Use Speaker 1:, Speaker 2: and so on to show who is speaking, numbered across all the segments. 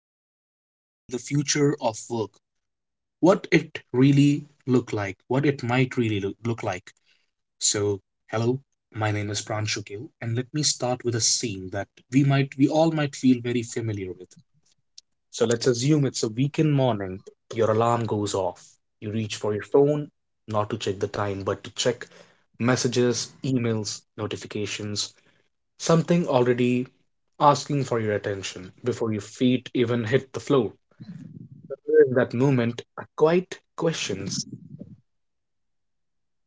Speaker 1: topic is going to be the future of work. What it really look like. What it might really look like. So, hello. My name is Pranshu Gill, and let me start with a scene that we all might feel very familiar with. So let's assume it's a weekend morning. Your alarm goes off. You reach for your phone, not to check the time, but to check messages, emails, notifications, something already asking for your attention before your feet even hit the floor. In that moment, a quiet questions,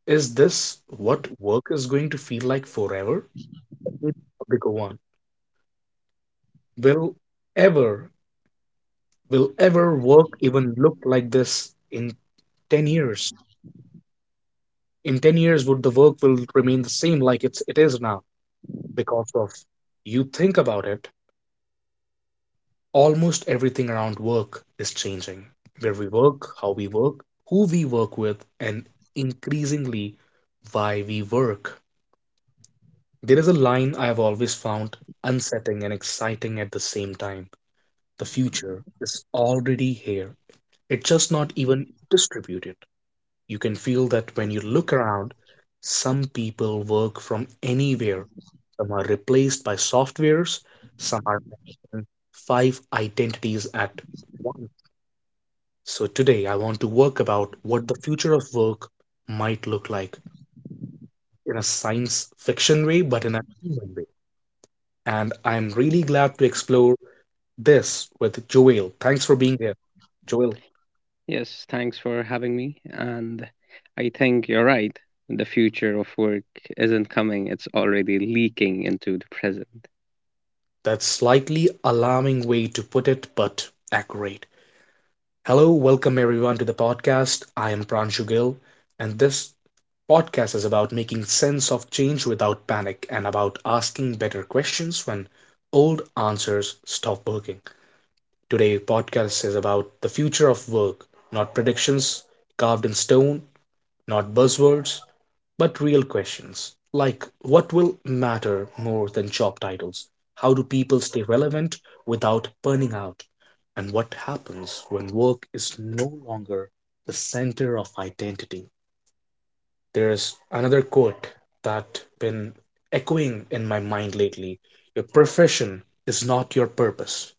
Speaker 1: is this what work is going to feel like forever? Bigger one. Will ever, will ever work even look like this in 10 years? In 10 years, would the work will remain the same like it is now because of, you think about it, almost everything around work is changing. Where we work, how we work, who we work with, and increasingly why we work. There is a line I have always found unsettling and exciting at the same time. The future is already here, it's just not even distributed. You can feel that when you look around, some people work from anywhere. Some are replaced by softwares, some are managing five identities at once. So today I want to work about what the future of work might look like in a science fiction way, but in a human way. And I'm really glad to explore this with Joel. Thanks for being here. Joel,
Speaker 2: Yes, thanks for having me. And I think you're right. The future of work isn't coming, it's already leaking into the present.
Speaker 1: that's slightly alarming way to put it, but accurate. Hello, welcome everyone to the podcast. I am Pranshu Gill, and this podcast is about making sense of change without panic and about asking better questions when old answers stop working. Today, podcast is about the future of work, not predictions carved in stone, not buzzwords, but real questions like what will matter more than job titles? How do people stay relevant without burning out? And what happens when work is no longer the center of identity? There's another quote that been echoing in my mind lately. Your profession is not your purpose.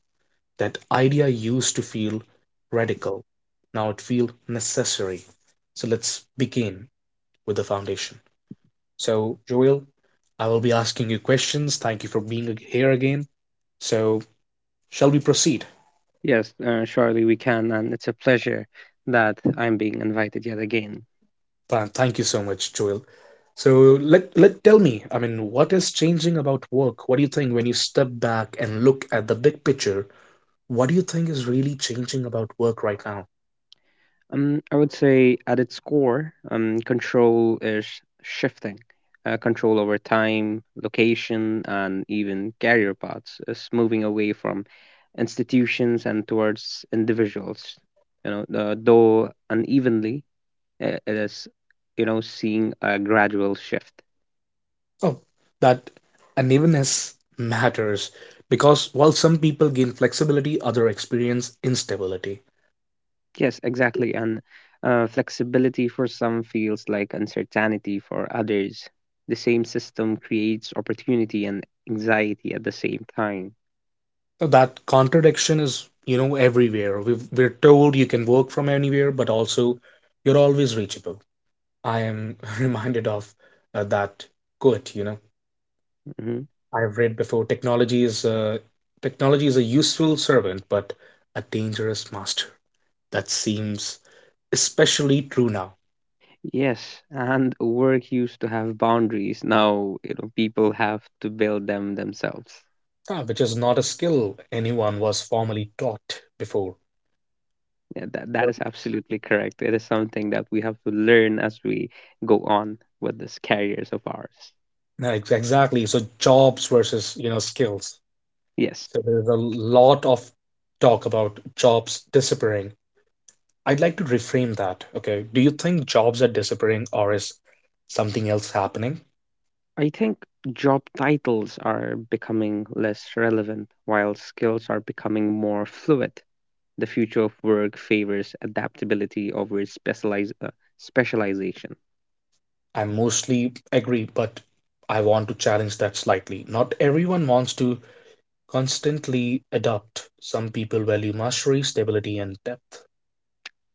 Speaker 1: That idea used to feel radical. Now it feels necessary. So let's begin with the foundation. So, Joel, I will be asking you questions. Thank you for being here again. So, shall we proceed?
Speaker 2: Yes, surely we can. And it's a pleasure that I'm being invited yet again.
Speaker 1: Thank you so much, Joel. So, let, let tell me, I mean, what is changing about work? What do you think when you step back and look at the big picture? What do you think is really changing about work right now?
Speaker 2: I would say at its core, control is shifting. Control over time, location, and even career paths is moving away from institutions and towards individuals, though unevenly, it is seeing a gradual shift.
Speaker 1: Oh, that unevenness matters because while some people gain flexibility, others experience instability.
Speaker 2: Yes, exactly. And flexibility for some feels like uncertainty for others. The same system creates opportunity and anxiety at the same time.
Speaker 1: So that contradiction is, you know, everywhere. We're told you can work from anywhere, but also you're always reachable. I am reminded of that quote, you know,
Speaker 2: Hmm.
Speaker 1: I've read before. Technology is a useful servant, but a dangerous master. That seems especially true now.
Speaker 2: Yes, and work used to have boundaries now, people have to build them themselves.
Speaker 1: Ah, which is not a skill anyone was formally taught before.
Speaker 2: Yeah, that
Speaker 1: So-
Speaker 2: is absolutely correct. It is something that we have to learn as we go on with these careers of ours.
Speaker 1: Exactly. So jobs versus, you know, skills.
Speaker 2: Yes.
Speaker 1: So there's a lot of talk about jobs disappearing. I'd like to reframe that. Okay. Do you think jobs are disappearing or is something else happening?
Speaker 2: I think job titles are becoming less relevant while skills are becoming more fluid. The future of work favors adaptability over specialize, specialization.
Speaker 1: I mostly agree, but I want to challenge that slightly. Not everyone wants to constantly adapt. Some people value mastery, stability, and depth.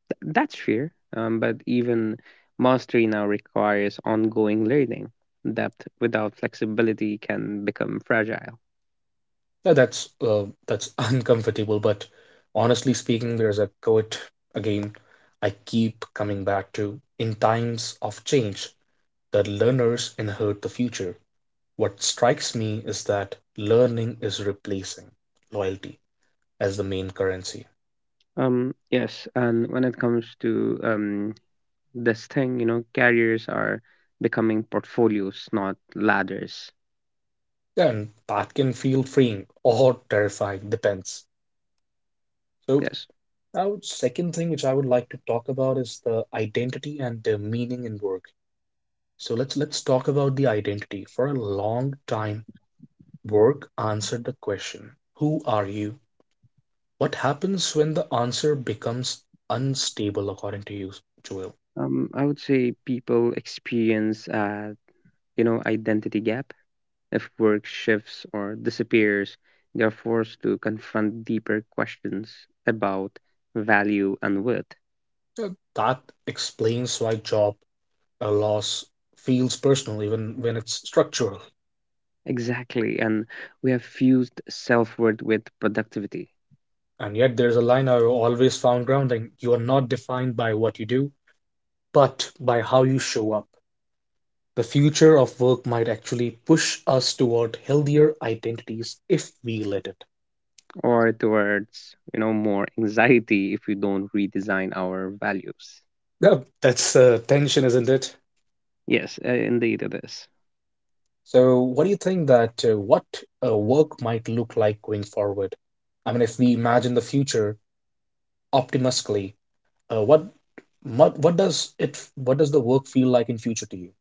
Speaker 2: That's fair, but even mastery now requires ongoing learning. Depth without flexibility can become fragile.
Speaker 1: Now that's uncomfortable, but honestly speaking, there's a quote again I keep coming back to. In times of change, the learners inherit the future. What strikes me is that learning is replacing loyalty as the main currency.
Speaker 2: Yes, and when it comes to this thing, carriers are becoming portfolios, not ladders.
Speaker 1: And that can feel freeing or terrifying, depends. So,
Speaker 2: Yes.
Speaker 1: now, second thing which I would like to talk about is the identity and the meaning in work. So let's talk about the identity. For a long time, work answered the question, who are you? What happens when the answer becomes unstable, according to you, Joel?
Speaker 2: I would say people experience, you know, identity gap. If work shifts or disappears, they are forced to confront deeper questions about value and worth.
Speaker 1: Uh, That explains why job loss feels personal, even when it's structural.
Speaker 2: Exactly, and we have fused self-worth with productivity,
Speaker 1: And yet there's a line I always found grounding. You are not defined by what you do, but by how you show up. The future of work might actually push us toward healthier identities if we let it.
Speaker 2: or towards, more anxiety if we don't redesign our values.
Speaker 1: Yeah, that's tension, isn't it?
Speaker 2: Yes, indeed it is.
Speaker 1: So, what do you think that what work might look like going forward? I mean, if we imagine the future optimistically, uh, what, what does it what does the work feel like in future to you?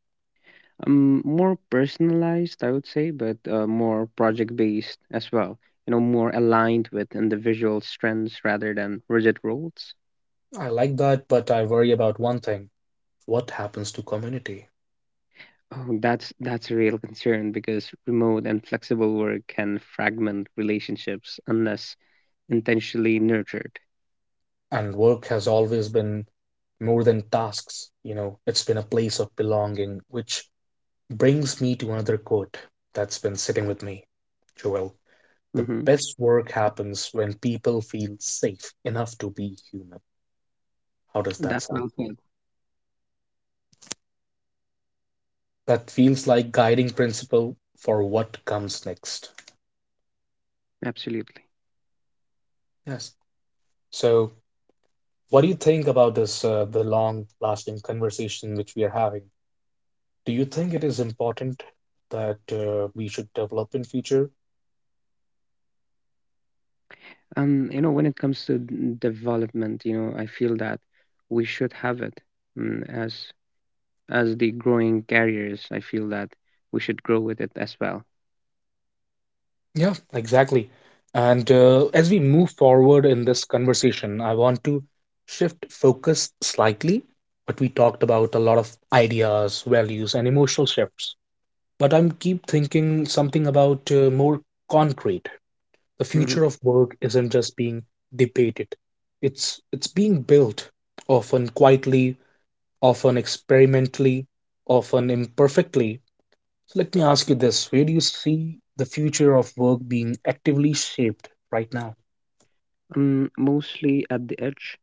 Speaker 2: More personalized, I would say, but more project based as well. More aligned with individual strengths rather than rigid roles.
Speaker 1: I like that, but I worry about one thing. What happens to community.
Speaker 2: Oh, that's a real concern because remote and flexible work can fragment relationships unless intentionally nurtured.
Speaker 1: And work has always been more than tasks, you know, it's been a place of belonging, which brings me to another quote that's been sitting with me, Joel. The
Speaker 2: Hmm.
Speaker 1: best work happens when people feel safe enough to be human. How does that
Speaker 2: That's well
Speaker 1: sound to
Speaker 2: said.
Speaker 1: you? That feels like guiding principle for what comes next.
Speaker 2: Absolutely.
Speaker 1: Yes. So, what do you think about this, the long lasting conversation which we are having? Do you think it is important that we should develop in future?
Speaker 2: When it comes to development, I feel that we should have it, as the growing carriers, I feel that we should grow with it as well.
Speaker 1: Yeah, exactly. And as we move forward in this conversation, I want to shift focus slightly, but we talked about a lot of ideas, values, and emotional shifts. But I'm keep thinking something about more concrete. The future
Speaker 2: Hmm.
Speaker 1: of work isn't just being debated. It's being built, often quietly, often experimentally, often imperfectly. So let me ask you this. Where do you see the future of work being actively shaped right now?
Speaker 2: Mostly at the edge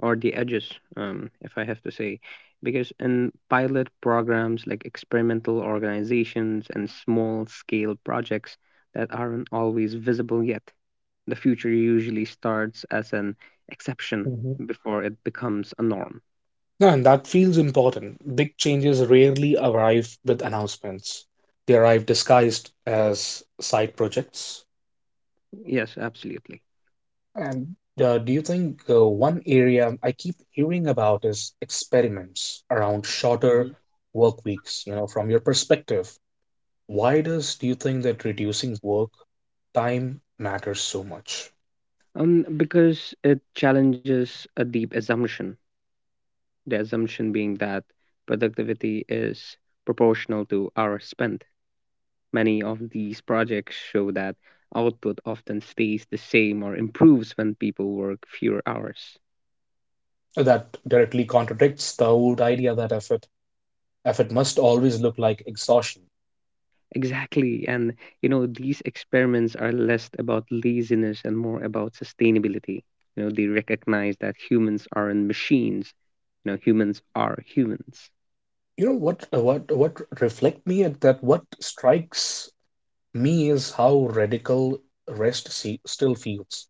Speaker 2: or the edges, if I have to say, because in pilot programs like experimental organizations and small scale projects that aren't always visible yet, the future usually starts as an exception
Speaker 1: Mhm.
Speaker 2: before it becomes a norm.
Speaker 1: No, and that feels important. Big changes rarely arrive with announcements. They arrive disguised as side projects.
Speaker 2: Yes, absolutely.
Speaker 1: And do you think one area I keep hearing about is experiments around shorter
Speaker 2: Hmm.
Speaker 1: work weeks? You know, from your perspective, why does do you think that reducing work time matters so much?
Speaker 2: Um, because it challenges a deep assumption, the assumption being that productivity is proportional to hours spent. Many of these projects show that output often stays the same or improves when people work fewer hours.
Speaker 1: That directly contradicts the old idea that effort must always look like exhaustion.
Speaker 2: Exactly. And, these experiments are less about laziness and more about sustainability. They recognize that humans aren't machines, humans are humans.
Speaker 1: You know what reflect me at that, what strikes me is how radical rest see, still feels.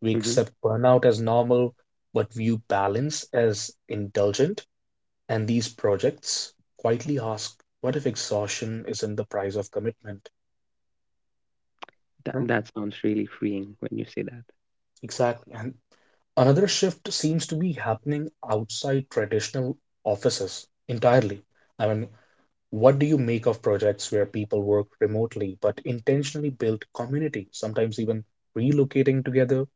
Speaker 1: We
Speaker 2: Hmm.
Speaker 1: accept burnout as normal, but view balance as indulgent. And these projects quietly ask, what if exhaustion isn't the price of commitment? You
Speaker 2: That,
Speaker 1: know.
Speaker 2: that sounds really freeing when you say that.
Speaker 1: Exactly. And another shift seems to be happening outside traditional offices entirely. I mean, what do you make of projects where people work remotely but intentionally build community, sometimes even relocating together?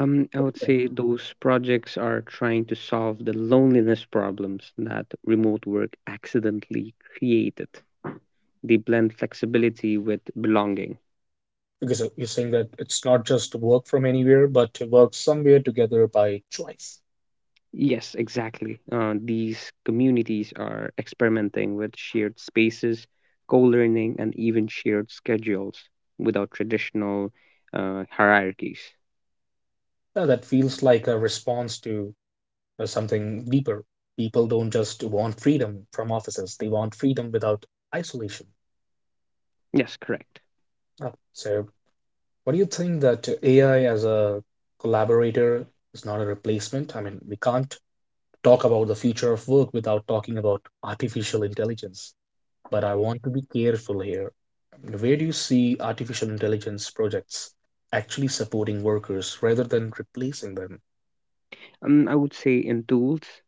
Speaker 2: I would say those projects are trying to solve the loneliness problems that remote work accidentally created. They blend flexibility with belonging.
Speaker 1: Because you're saying that it's not just work from anywhere, but work somewhere together by choice.
Speaker 2: Yes, exactly. These communities are experimenting with shared spaces, co learning, and even shared schedules without traditional hierarchies.
Speaker 1: Yeah, that feels like a response to something deeper. People don't just want freedom from offices, they want freedom without isolation.
Speaker 2: Yes, correct.
Speaker 1: So what do you think that AI as a collaborator is not a replacement? I mean, we can't talk about the future of work without talking about artificial intelligence. But I want to be careful here. Where do you see artificial intelligence projects actually supporting workers rather than replacing them?
Speaker 2: I would say in tools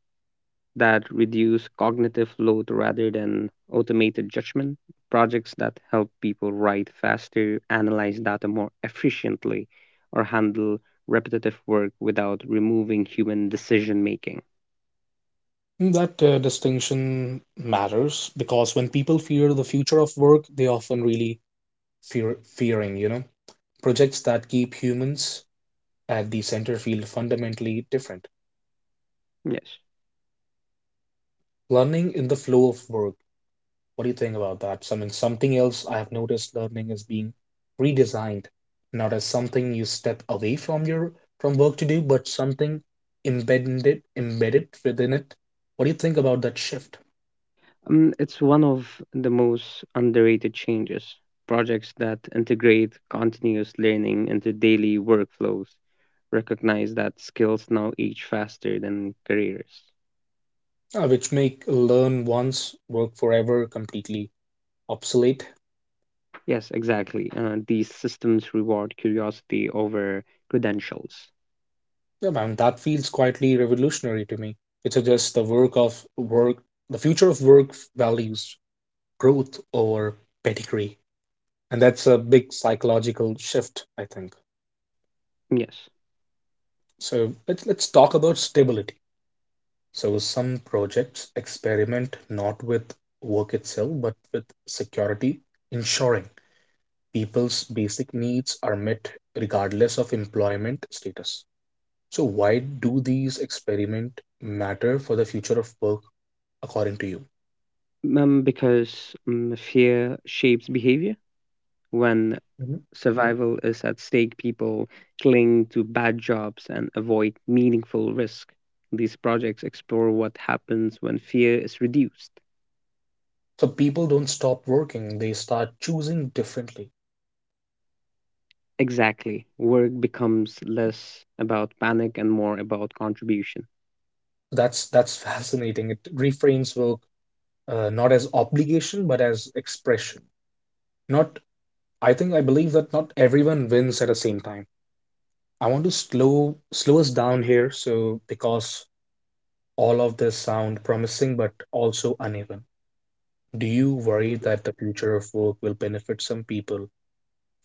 Speaker 2: that reduce cognitive load rather than automated judgment, projects that help people write faster, analyze data more efficiently, or handle repetitive work without removing human decision making.
Speaker 1: That distinction matters because when people fear the future of work, they often really fearing, you know, projects that keep humans at the center feel fundamentally different.
Speaker 2: Yes.
Speaker 1: Learning in the flow of work. What do you think about that? So, I mean, something else I have noticed, learning is being redesigned, not as something you step away from your from work to do, but something embedded within it. What do you think about that shift,
Speaker 2: It's one of the most underrated changes. Projects that integrate continuous learning into daily workflows recognize that skills now age faster than careers.
Speaker 1: which make learn once, work forever completely obsolete?
Speaker 2: Yes, exactly. These systems reward curiosity over credentials.
Speaker 1: Yeah, man, that feels quietly revolutionary to me. It suggests the future of work values growth over pedigree. And that's a big psychological shift, I think.
Speaker 2: Yes,
Speaker 1: So let's talk about stability. So some projects experiment not with work itself but with security, ensuring people's basic needs are met regardless of employment status. So why do these experiment matter for the future of work, according to you?
Speaker 2: because fear shapes behavior. When
Speaker 1: Mhm.
Speaker 2: survival is at stake, people cling to bad jobs and avoid meaningful risk. These projects explore what happens when fear is reduced.
Speaker 1: So people don't stop working, they start choosing differently.
Speaker 2: Exactly. Work becomes less about panic and more about contribution.
Speaker 1: That's fascinating. It reframes work not as obligation but as expression. Not I think I believe that not everyone wins at the same time. I want to slow us down here, so because all of this sound promising but also uneven. Do you worry that the future of work will benefit some people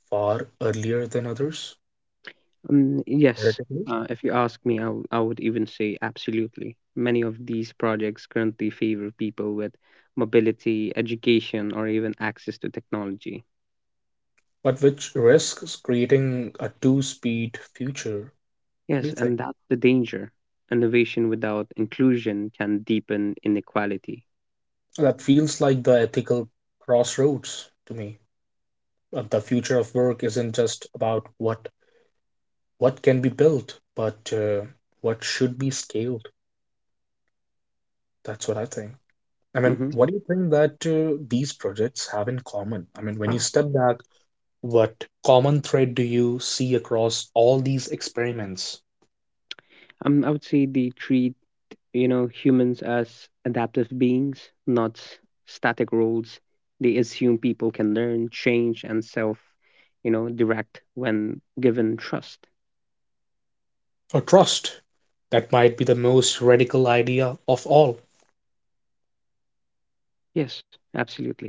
Speaker 1: far earlier than others,
Speaker 2: Yes,
Speaker 1: relatively?
Speaker 2: if you ask me, I would even say absolutely. Many of these projects currently favor people with mobility, education, or even access to technology.
Speaker 1: But which risks creating a two-speed future, what do you
Speaker 2: Yes,
Speaker 1: think?
Speaker 2: and that's the danger. Innovation without inclusion can deepen inequality.
Speaker 1: That feels like the ethical crossroads to me. The future of work isn't just about what can be built, but what should be scaled. That's what I think. I mean,
Speaker 2: Hmm.
Speaker 1: what do you think that these projects have in common? I mean, when you step back, what common thread do you see across all these experiments?
Speaker 2: I would say they treat humans as adaptive beings, not static roles. They assume people can learn, change, and self direct when given trust.
Speaker 1: Or trust. That might be the most radical idea of all.
Speaker 2: Yes, absolutely.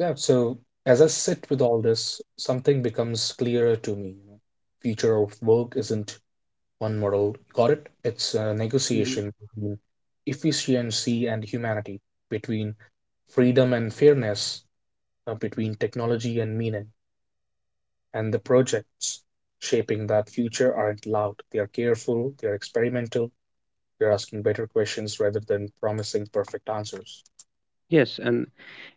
Speaker 1: Yeah, so as I sit with all this, something becomes clearer to me. You know, future of work isn't one model. Got it? It's a negotiation between efficiency and humanity, between freedom and fairness, between technology and meaning. And the projects shaping that future aren't loud. They are careful, they're experimental, they're asking better questions rather than promising perfect answers.
Speaker 2: Yes. And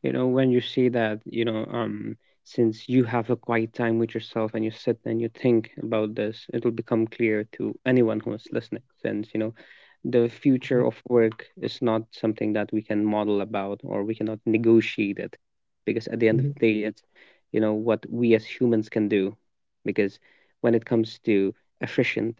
Speaker 2: when you see that, since you have a quiet time with yourself and you sit and you think about this, it'll become clear to anyone who is listening. Since the future
Speaker 1: Mhm,
Speaker 2: of work is not something that we can model about or we cannot negotiate it, because at the end of
Speaker 1: mhm,
Speaker 2: the day, it's what we as humans can do. Because when it comes to efficient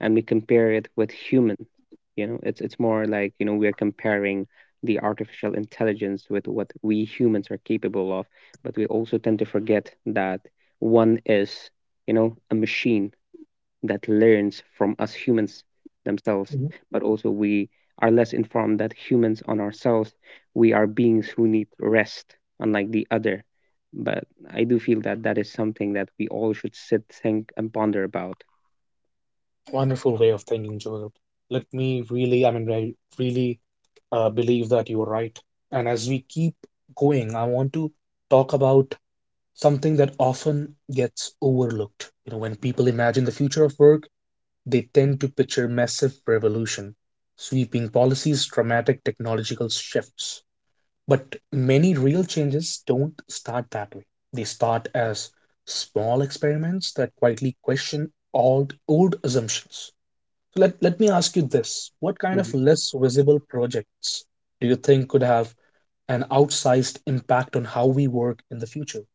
Speaker 2: and we compare it with humans, it's more like, we're comparing the artificial intelligence with what we humans are capable of. But we also tend to forget that one is, a machine that learns from us humans themselves.
Speaker 1: mhm.
Speaker 2: But also we are less informed that humans on ourselves. We are beings who need rest, unlike the other. But I do feel that that is something that we all should sit, think and ponder about.
Speaker 1: Wonderful way of thinking, Joel. Let me really, I mean, I really believe that you're right. And as we keep going, I want to talk about something that often gets overlooked. You know, when people imagine the future of work, they tend to picture massive revolution, sweeping policies, dramatic technological shifts. But many real changes don't start that way. They start as small experiments that quietly question all old assumptions. So let me ask you this. What kind of
Speaker 2: Mm-hmm.
Speaker 1: less visible projects do you think could have an outsized impact on how we work in the future?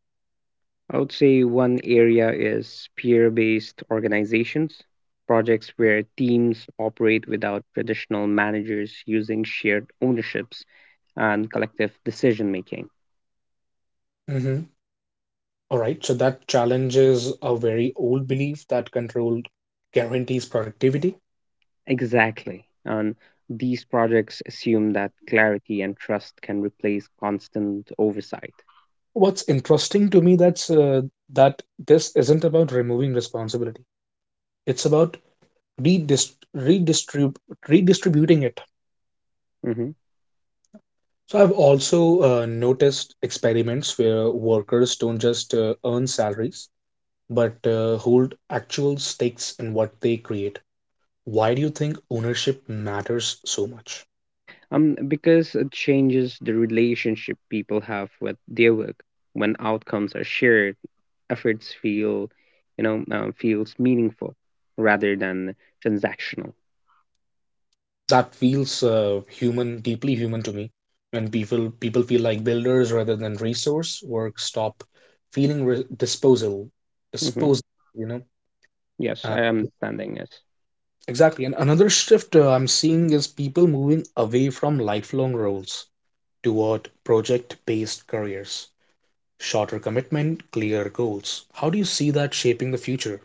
Speaker 2: I would say one area is peer based organizations, projects where teams operate without traditional managers using shared ownerships and collective decision making.
Speaker 1: Mhm. All right, so that challenges a very old belief that control guarantees productivity.
Speaker 2: Exactly. And these projects assume that clarity and trust can replace constant oversight.
Speaker 1: What's interesting to me that's that this isn't about removing responsibility. It's about redist- redistrib- redistributing it.
Speaker 2: Mhm.
Speaker 1: So I've also noticed experiments where workers don't just earn salaries, but hold actual stakes in what they create. Why do you think ownership matters so much?
Speaker 2: Because it changes the relationship people have with their work. When outcomes are shared, efforts feel, you know, feels meaningful rather than transactional.
Speaker 1: That feels human, deeply human to me. When people feel like builders rather than resource, work stop feeling
Speaker 2: Hmm.
Speaker 1: disposal, you know.
Speaker 2: Yes, I am understanding this.
Speaker 1: Exactly. And another shift I'm seeing is people moving away from lifelong roles toward project based careers. Shorter commitment, clear goals. How do you see that shaping the future?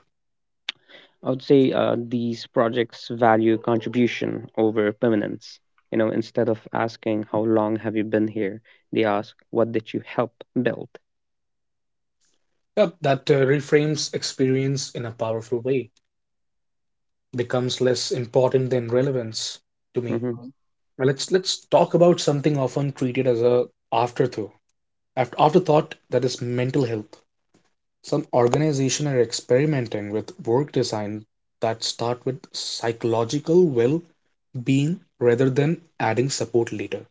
Speaker 2: I would say these projects value contribution over permanence. Instead of asking how long have you been here, they ask what did you help build.
Speaker 1: Yep, that reframes experience in a powerful way, becomes less important than relevance to me.
Speaker 2: Hmm.
Speaker 1: Now let's talk about something often treated as a afterthought. Afterthought, that is mental health. Some organizations are experimenting with work design that start with psychological well-being rather than adding support later.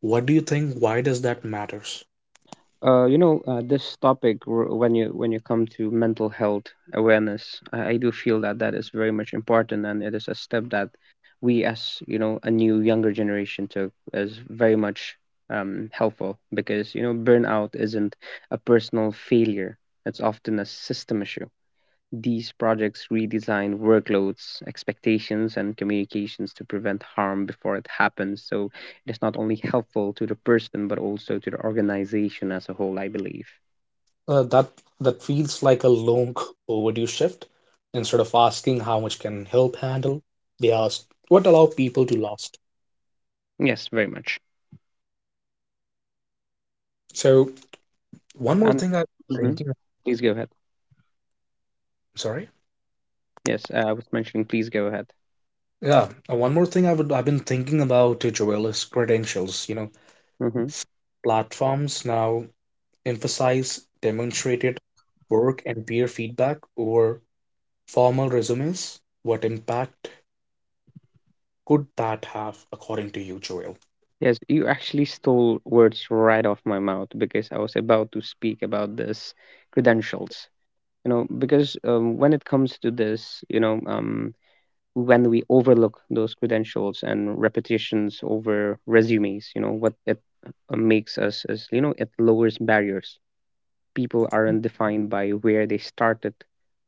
Speaker 1: What do you think? Why does that matters?
Speaker 2: This topic when you come to mental health awareness, I do feel that that is very much important, and it is a step that we, a new younger generation took is very much helpful, because burnout isn't a personal failure; it's often a system issue. These projects redesign workloads, expectations, and communications to prevent harm before it happens. So it is not only helpful to the person, but also to the organization as a whole, I believe.
Speaker 1: That that feels like a long overdue shift. Instead of asking how much can help handle, they ask what allow people to last.
Speaker 2: Yes, very much.
Speaker 1: So one more
Speaker 2: And
Speaker 1: thing I'm
Speaker 2: mhm,
Speaker 1: thinking.
Speaker 2: please go ahead.
Speaker 1: Sorry.
Speaker 2: Yes, I was mentioning, please go ahead.
Speaker 1: Yeah, one more thing I've been thinking about Joel is credentials. You know,
Speaker 2: Hmm.
Speaker 1: platforms now emphasize demonstrated work and peer feedback over formal resumes. What impact could that have, according to you, Joel?
Speaker 2: Yes, you actually stole words right off my mouth because I was about to speak about this, credentials. You know, because When it comes to this, when we overlook those credentials and repetitions over resumes, what it makes us is, it lowers barriers. People aren't defined by where they started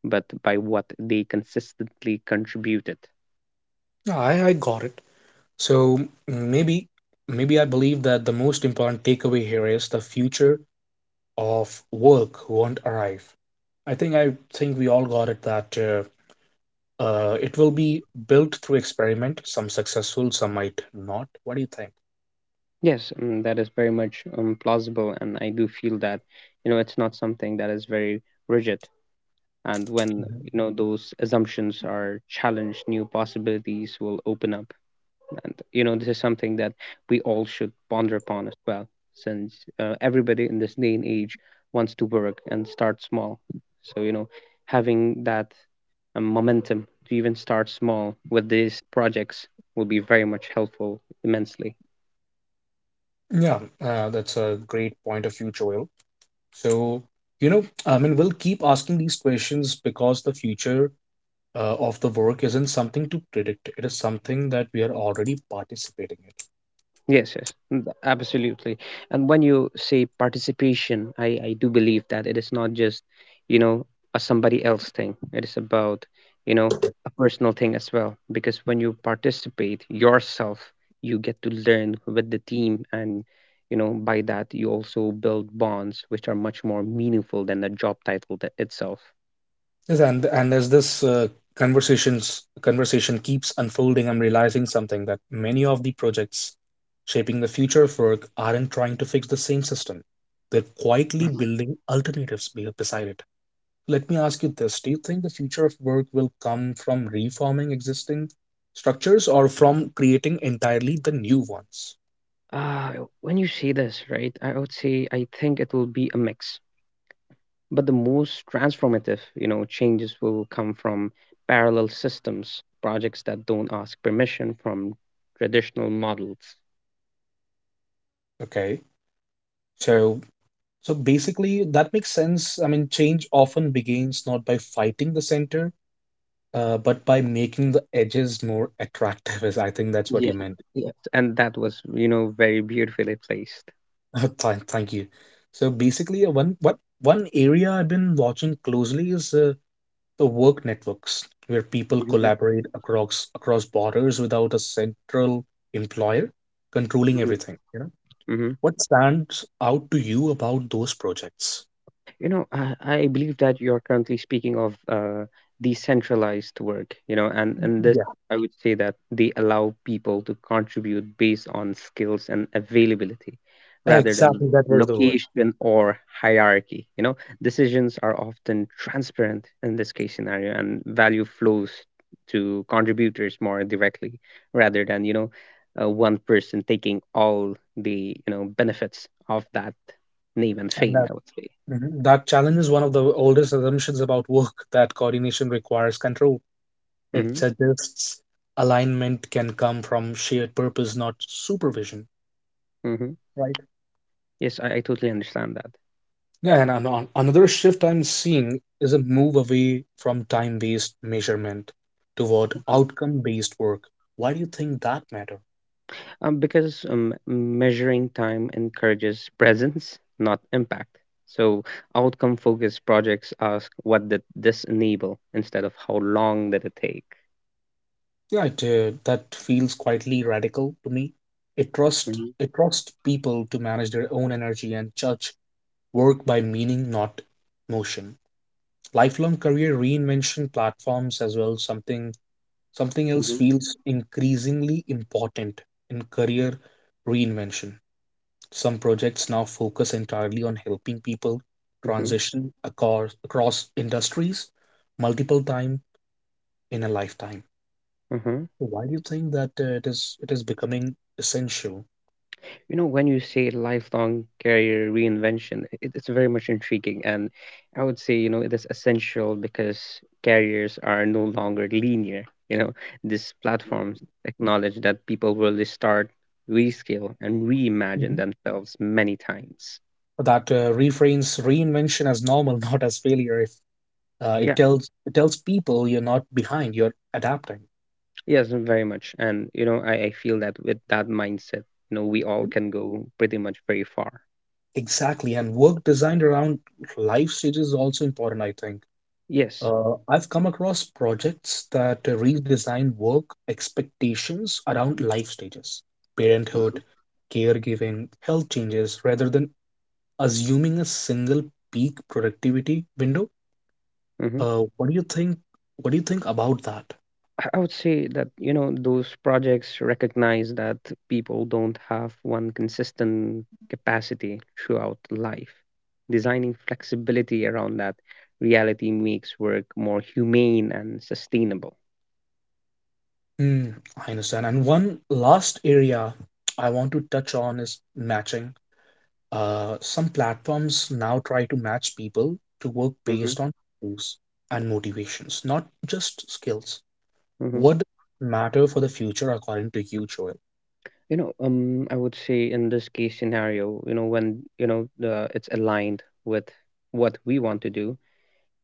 Speaker 2: but by what they consistently contributed.
Speaker 1: Yeah, I got it. So maybe maybe I believe that the most important takeaway here is the future of work won't arrive. I think we all got it that it will be built through experiment, some successful, some might not. What do you think?
Speaker 2: Yes, that is very much plausible. And I do feel that it's not something that is very rigid. And when,
Speaker 1: Mhm.
Speaker 2: those assumptions are challenged, new possibilities will open up. Important. This is something that we all should ponder upon as well, since everybody in this day and age wants to work and start small. So, having that momentum to even start small with these projects will be very much helpful immensely.
Speaker 1: Yeah, that's a great point of view, Joel. So, you know, I mean, we'll keep asking these questions because the future of the work isn't something to predict. It is something that we are already participating in.
Speaker 2: Yes, yes, absolutely. And when you say participation, I do believe that it is not just, you know, a somebody else thing. It is about, you know, a personal thing as well. Because when you participate yourself, you get to learn with the team. And, by that, you also build bonds, which are much more meaningful than the job title itself.
Speaker 1: Yes, and as this conversation keeps unfolding, I'm realizing something that many of the projects shaping the future of work aren't trying to fix the same system. They're quietly
Speaker 2: Mhm.
Speaker 1: building alternatives beside it. Let me ask you this. Do you think the future of work will come from reforming existing structures or from creating entirely the new ones?
Speaker 2: When you say this, right, I would say I think it will be a mix. But the most transformative, changes will come from parallel systems, projects that don't ask permission from traditional models.
Speaker 1: Okay. So so basically that makes sense. I mean, change often begins not by fighting the center, but by making the edges more attractive, is I think that's what
Speaker 2: Yeah.
Speaker 1: you meant.
Speaker 2: Yeah. And that was, very beautifully placed.
Speaker 1: Thank you. So basically, one what one area I've been watching closely is the work networks, where people
Speaker 2: Mhm,
Speaker 1: collaborate across borders without a central employer controlling
Speaker 2: mhm.
Speaker 1: everything, you know.
Speaker 2: Mhm.
Speaker 1: What stands out to you about those projects?
Speaker 2: I believe that you're currently speaking of decentralized work, and this,
Speaker 1: Yeah,
Speaker 2: I would say that they allow people to contribute based on skills and availability rather than
Speaker 1: exactly. That was the word.
Speaker 2: location or hierarchy. Decisions are often transparent in this case scenario, and value flows to contributors more directly rather than, one person taking all the, benefits of that name and
Speaker 1: And
Speaker 2: fame,
Speaker 1: that,
Speaker 2: I would say.
Speaker 1: mhm, that challenges one of the oldest assumptions about work, that coordination requires control. It
Speaker 2: Mhm.
Speaker 1: suggests alignment can come from shared purpose, not supervision.
Speaker 2: Hmm.
Speaker 1: Right.
Speaker 2: Yes, I totally understand that.
Speaker 1: Yeah, and another shift I'm seeing is a move away from time-based measurement toward
Speaker 2: Mhm.
Speaker 1: outcome-based work. Why do you think that matter?
Speaker 2: Because measuring time encourages presence, not impact. So outcome focused projects ask what did this enable instead of how long did it take.
Speaker 1: Yeah, it, that feels quietly radical to me.
Speaker 2: Mhm.
Speaker 1: It trusts people to manage their own energy and judge work by meaning, not motion. Lifelong career reinvention platforms as well, something else
Speaker 2: Mhm.
Speaker 1: feels increasingly important in career reinvention. Some projects now focus entirely on helping people transition across industries multiple times in a lifetime.
Speaker 2: Mm-hmm.
Speaker 1: So why do you think that it is becoming essential?
Speaker 2: When you say lifelong career reinvention, it's very much intriguing. And I would say, it is essential because careers are no longer linear. These platforms acknowledge that people will restart, rescale, and reimagine
Speaker 1: Mhm.
Speaker 2: themselves many times.
Speaker 1: That reframes reinvention as normal, not as failure? If
Speaker 2: Yeah,
Speaker 1: it tells people you're not behind, you're adapting.
Speaker 2: yes, very much. And I feel that with that mindset, we all can go pretty much very far.
Speaker 1: Exactly, and work designed around life stages is also important, I think.
Speaker 2: Yes.
Speaker 1: I've come across projects that redesign work expectations around life stages, parenthood, caregiving, health changes, rather than assuming a single peak productivity window.
Speaker 2: Hmm.
Speaker 1: What do you think? What do you think about that?
Speaker 2: I would say that, those projects recognize that people don't have one consistent capacity throughout life. Designing flexibility around that reality makes work more humane and sustainable.
Speaker 1: Hmm, I understand. And one last area I want to touch on is matching. Some platforms now try to match people to work
Speaker 2: Hmm.
Speaker 1: based on goals and motivations, not just skills.
Speaker 2: Hmm.
Speaker 1: What matter for the future according to you, Joel?
Speaker 2: I would say in this case scenario, when the it's aligned with what we want to do,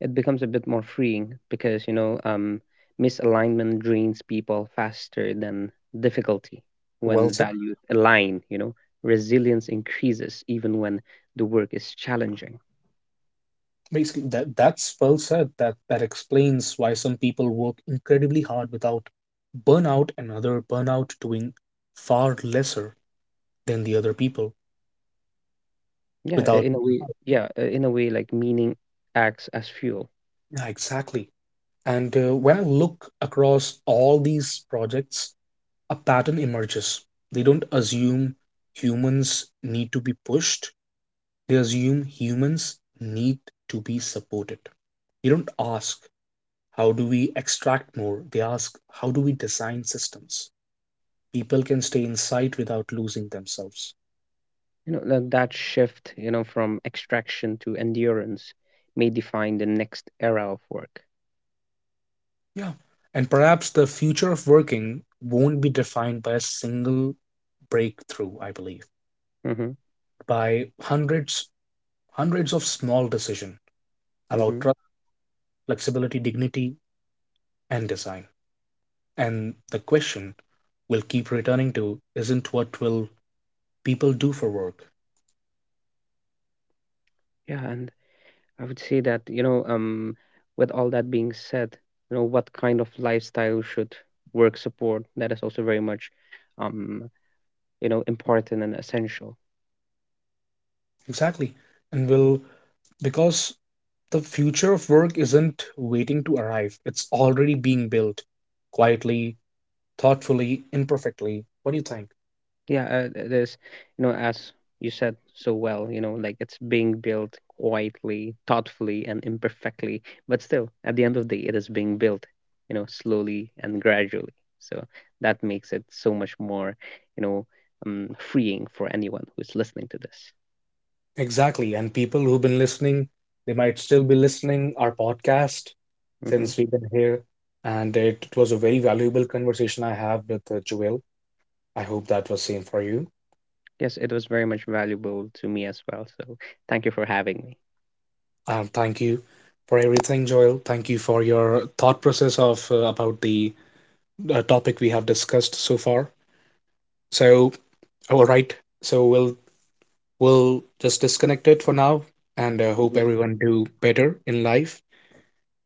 Speaker 2: it becomes a bit more freeing because misalignment drains people faster than difficulty.
Speaker 1: Well
Speaker 2: When
Speaker 1: said.
Speaker 2: values align, resilience increases even when the work is challenging.
Speaker 1: Basically, that's well said. That explains why some people work incredibly hard without burnout and other burnout doing far lesser than the other people
Speaker 2: Yeah,
Speaker 1: without.
Speaker 2: in a way, yeah, in a way, like, meaning acts as fuel.
Speaker 1: Yeah, exactly. And when I look across all these projects, a pattern emerges. They don't assume humans need to be pushed. They assume humans need to be supported. They don't ask, how do we extract more? They ask, how do we design systems? People can stay inside without losing themselves.
Speaker 2: That shift, from extraction to endurance may define the next era of work.
Speaker 1: Yeah. And perhaps the future of working won't be defined by a single breakthrough, I believe,
Speaker 2: Hmm.
Speaker 1: by hundreds of small decisions
Speaker 2: Hmm.
Speaker 1: about trust, flexibility, dignity, and design. And the question we'll keep returning to isn't what will people do for work,
Speaker 2: Yeah. And I would say that, with all that being said, what kind of lifestyle should work support? That is also very much, um, important and essential.
Speaker 1: exactly, and will, because the future of work isn't waiting to arrive, it's already being built quietly, thoughtfully, imperfectly. What do you think?
Speaker 2: Yeah, it is, as you said so well, like, it's being built quietly, thoughtfully, and imperfectly, but still, at the end of the day, it is being built, slowly and gradually. So that makes it so much more, you know, freeing for anyone who's listening to this.
Speaker 1: Exactly. And people who've been listening, they might still be listening our podcast
Speaker 2: Mhm.
Speaker 1: since we've been here. And it was a very valuable conversation I have with Joel. I hope that was same for you.
Speaker 2: Yes, it was very much valuable to me as well. So thank you for having me.
Speaker 1: Thank you for everything, Joel. Thank you for your thought process of about the topic we have discussed so far. So, all right. So we'll just disconnect it for now and hope everyone do better in life.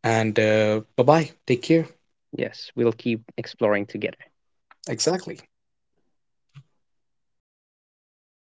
Speaker 1: And bye bye. Take care.
Speaker 2: Yes, we'll keep exploring together.
Speaker 1: Exactly.